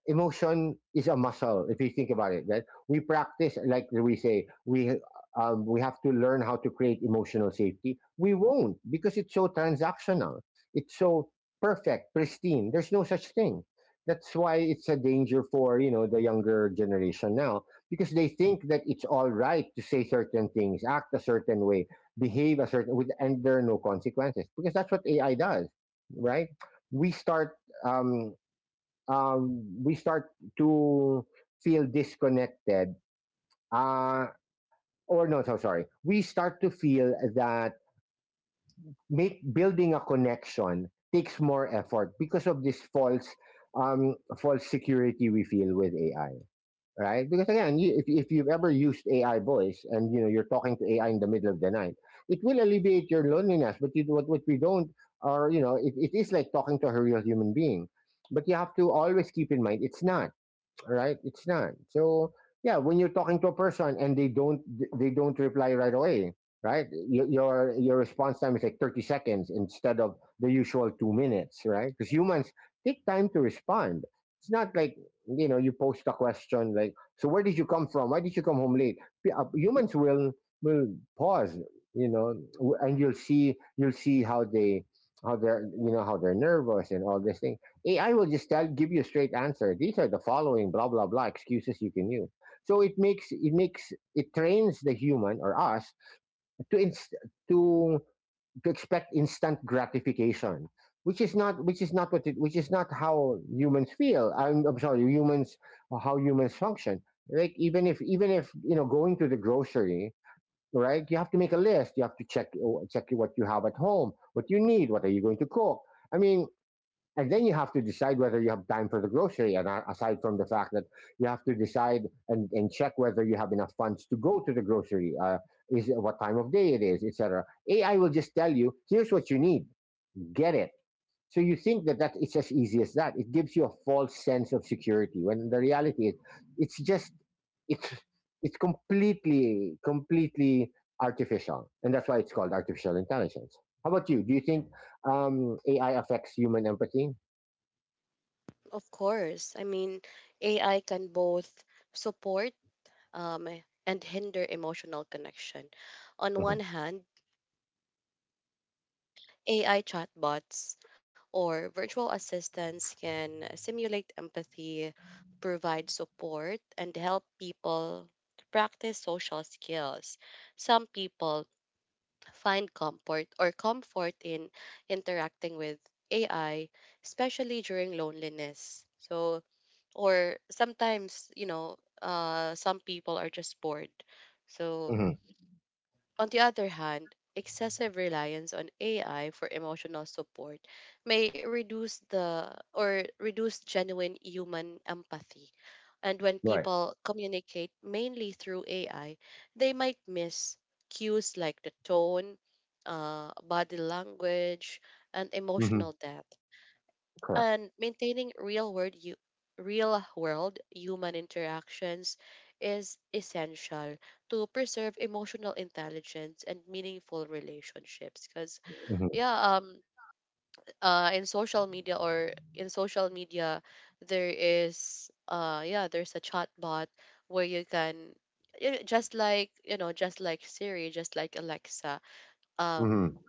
Speaker 2: emotion is a muscle, if you think about it, right? We practice, like we say, we have to learn how to create emotional safety. We won't because it's so transactional, it's so perfect, pristine. There's no such thing. That's why it's a danger for you know the younger generation now, because they think that it's all right to say certain things, act a certain way, behave a certain with, and there are no consequences because that's what AI does, right? we start um, we start to feel disconnected. Uh, or no, so sorry. We start to feel that make building a connection takes more effort because of this false security we feel with AI, right? Because again, you, if you've ever used AI voice and you know you're talking to AI in the middle of the night, it will alleviate your loneliness. But you, what we don't, or you know, it is like talking to a real human being. But you have to always keep in mind it's not. Right? It's not. So, yeah, when you're talking to a person and they don't reply right away, right? Your response time is like 30 seconds instead of the usual 2 minutes, right? Cuz humans take time to respond. It's not like, you know, you post a question like, "So where did you come from? Why did you come home late?" Humans will pause, you know, and you'll see how they're you know how they're nervous and all this thing. AI will just tell give you a straight answer. These are the following blah blah blah excuses you can use. So it trains the human or us to inst- to to expect instant gratification, which is not what it which is not how humans feel. I'm sorry, humans how humans function. Like even if you know going to the grocery, right? You have to make a list. You have to check what you have at home, what you need, what are you going to cook. I mean, and then you have to decide whether you have time for the grocery, and aside from the fact that you have to decide and check whether you have enough funds to go to the grocery, is what time of day it is, etc. AI will just tell you, here's what you need, get it. So you think that it's as easy as that. It gives you a false sense of security when the reality is it's just it's it's completely artificial, and that's why it's called artificial intelligence. How about you? Do you think AI affects human empathy?
Speaker 1: Of course. I mean, AI can both support um, and hinder emotional connection. On one
Speaker 2: Mhm.
Speaker 1: hand, AI chatbots or virtual assistants can simulate empathy, provide support, and help people practice social skills. Some people find comfort or comfort in interacting with AI, especially during loneliness. So, or sometimes, you know, some people are just bored. So,
Speaker 2: Hmm.
Speaker 1: on the other hand, excessive reliance on AI for emotional support may reduce the or reduce genuine human empathy. And when
Speaker 2: Right.
Speaker 1: people communicate mainly through AI, they might miss cues like the tone, body language, and
Speaker 2: Hmm.
Speaker 1: emotional depth.
Speaker 2: Correct.
Speaker 1: And maintaining real world human interactions is essential to preserve emotional intelligence and meaningful relationships. Because
Speaker 2: Hmm.
Speaker 1: yeah, in social media or in social media there is, yeah, there's a chat bot where you can, you know, just like, you know, just like Siri, just like Alexa, um
Speaker 2: Hmm.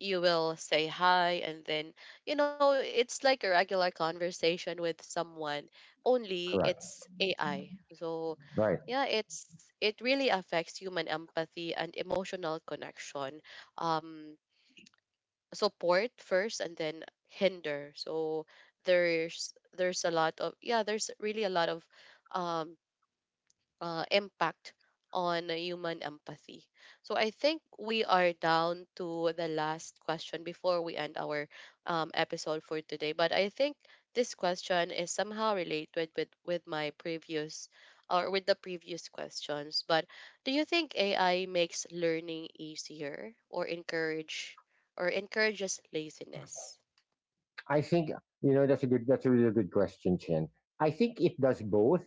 Speaker 1: you will say hi, and then, you know, it's like a regular conversation with someone, only
Speaker 2: Correct.
Speaker 1: it's AI. So
Speaker 2: Right.
Speaker 1: yeah, it's, it really affects human empathy and emotional connection. Um Support first and then hinder. So there's a lot of, yeah, there's really a lot of um impact on human empathy. So I think we are down to the last question before we end our episode for today. But I think this question is somehow related with my previous, or with the previous questions. But do you think AI makes learning easier or encourage or encourages laziness?
Speaker 2: I think, you know, that's a really good question, Chen. I think it does both.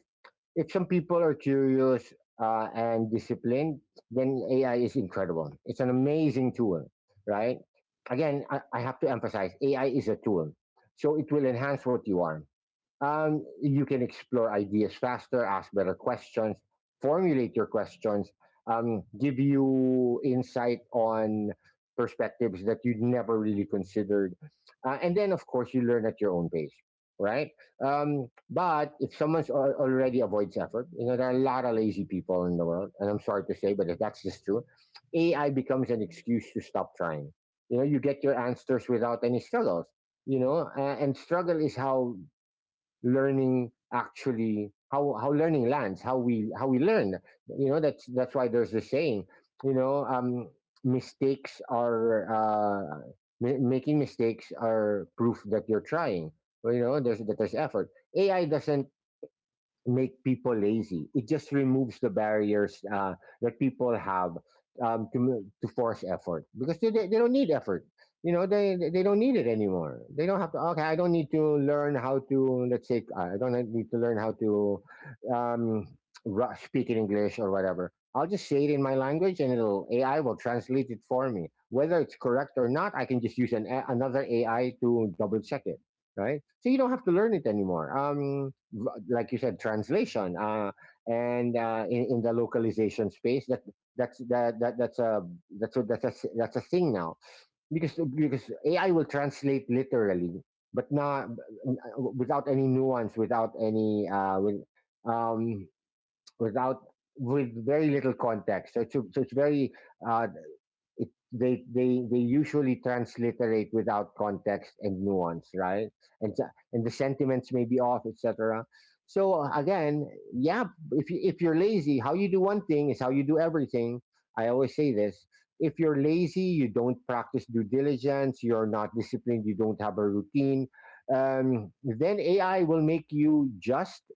Speaker 2: If some people are curious and disciplined, then AI is incredible. It's an amazing tool, right? Again, I have to emphasize AI is a tool, so it will enhance what you are. You can explore ideas faster, ask better questions, formulate your questions, give you insight on perspectives that you'd never really considered. And then, of course, you learn at your own pace, right? But if someone's al- already avoids effort, you know, there are a lot of lazy people in the world. And I'm sorry to say, but if that's just true, AI becomes an excuse to stop trying. You know, you get your answers without any struggles, you know, and struggle is how learning lands, how we learn. You know, that's why there's the saying. You know, mistakes are uh, making mistakes are proof that you're trying. Well, you know, there's effort. AI doesn't make people lazy. It just removes the barriers that people have to force effort because they don't need effort. You know, they don't need it anymore. They don't have to. Okay, I don't need to learn how to, let's say, I don't need to learn how to um, speak in English or whatever. I'll just say it in my language, and it'll AI will translate it for me. Whether it's correct or not, I can just use another AI to double check it, right? So you don't have to learn it anymore. Like you said, translation and in the localization space. That that's that, that that's a that's a, that's a s- That's a thing now because AI will translate literally, but not without any nuance, without any um, without, with very little context. So so it's very uh, they usually transliterate without context and nuance, right? And so- and the sentiments may be off, etc. So again, yeah, if you're lazy, how you do one thing is how you do everything. I always say this. If you're lazy, you don't practice due diligence, you're not disciplined, you don't have a routine, then AI will make you just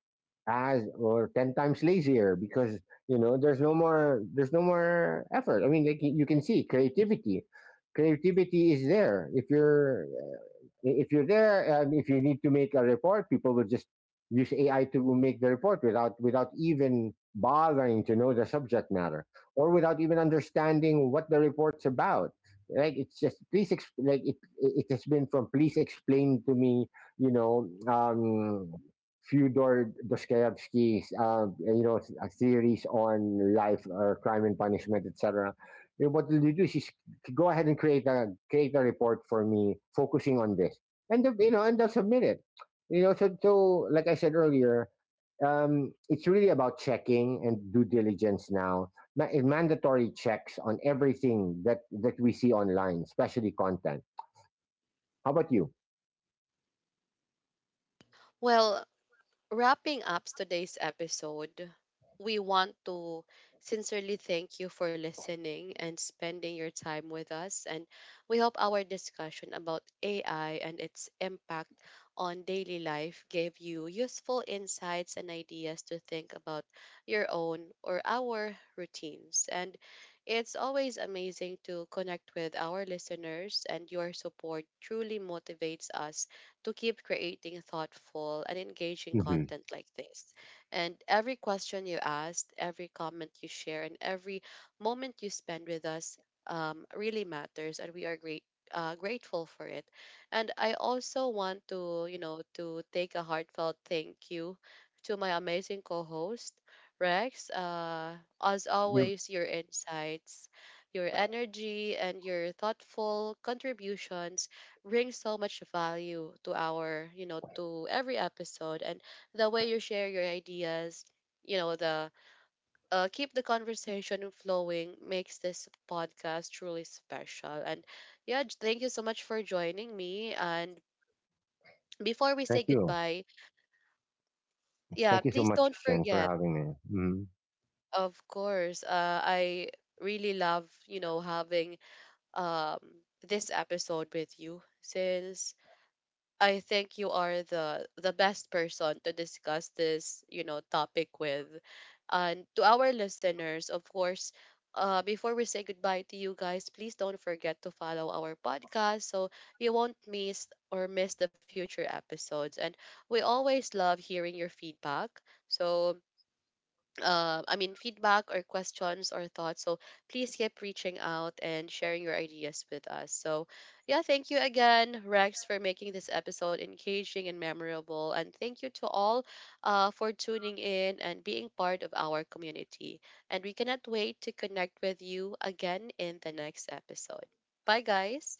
Speaker 2: as or 10 times lazier because you know there's no more effort. I mean, like, you can see creativity is there if you're if you're there, if you need to make a report, people will just use AI to make the report without even bothering to know the subject matter or without even understanding what the report's about. Like it's just please it has been from, please explain to me, you know, Fyodor Dostoevsky's theories on life or crime and punishment, etc. You know, what you do is you go ahead and create a create a report for me focusing on this and the, you know, and they'll submit it. You know, so, so like I said earlier, it's really about checking and due diligence now. Mandatory checks on everything that we see online, especially content. How about you?
Speaker 1: Well, wrapping up today's episode, we want to sincerely thank you for listening and spending your time with us. And we hope our discussion about AI and its impact on daily life gave you useful insights and ideas to think about your own or our routines. And it's always amazing to connect with our listeners, and your support truly motivates us to keep creating thoughtful and engaging
Speaker 2: Mhm.
Speaker 1: content like this. And every question you asked, every comment you share, and every moment you spend with us really matters, and we are great. Grateful for it. And I also want to, you know, to take a heartfelt thank you to my amazing co-host Rex. As
Speaker 2: You.
Speaker 1: always, your insights, your energy, and your thoughtful contributions brings so much value to our, you know, to every episode. And the way you share your ideas, you know, the keep the conversation flowing makes this podcast truly special. And yeah, thank you so much for joining me. And before we say
Speaker 2: Thank you.
Speaker 1: goodbye, yeah,
Speaker 2: Thank you so
Speaker 1: please
Speaker 2: much,
Speaker 1: don't
Speaker 2: Shen, for
Speaker 1: forget,
Speaker 2: having me. Mhm.
Speaker 1: of course, I really love, you know, having um this episode with you, since I think you are the best person to discuss this, you know, topic with. And to our listeners, of course, before we say goodbye to you guys, please don't forget to follow our podcast so you won't miss or miss the future episodes. And we always love hearing your feedback. So I mean, feedback or questions or thoughts. So please keep reaching out and sharing your ideas with us. So, yeah, thank you again, Rex, for making this episode engaging and memorable. And thank you to all for tuning in and being part of our community. And we cannot wait to connect with you again in the next episode. Bye, guys.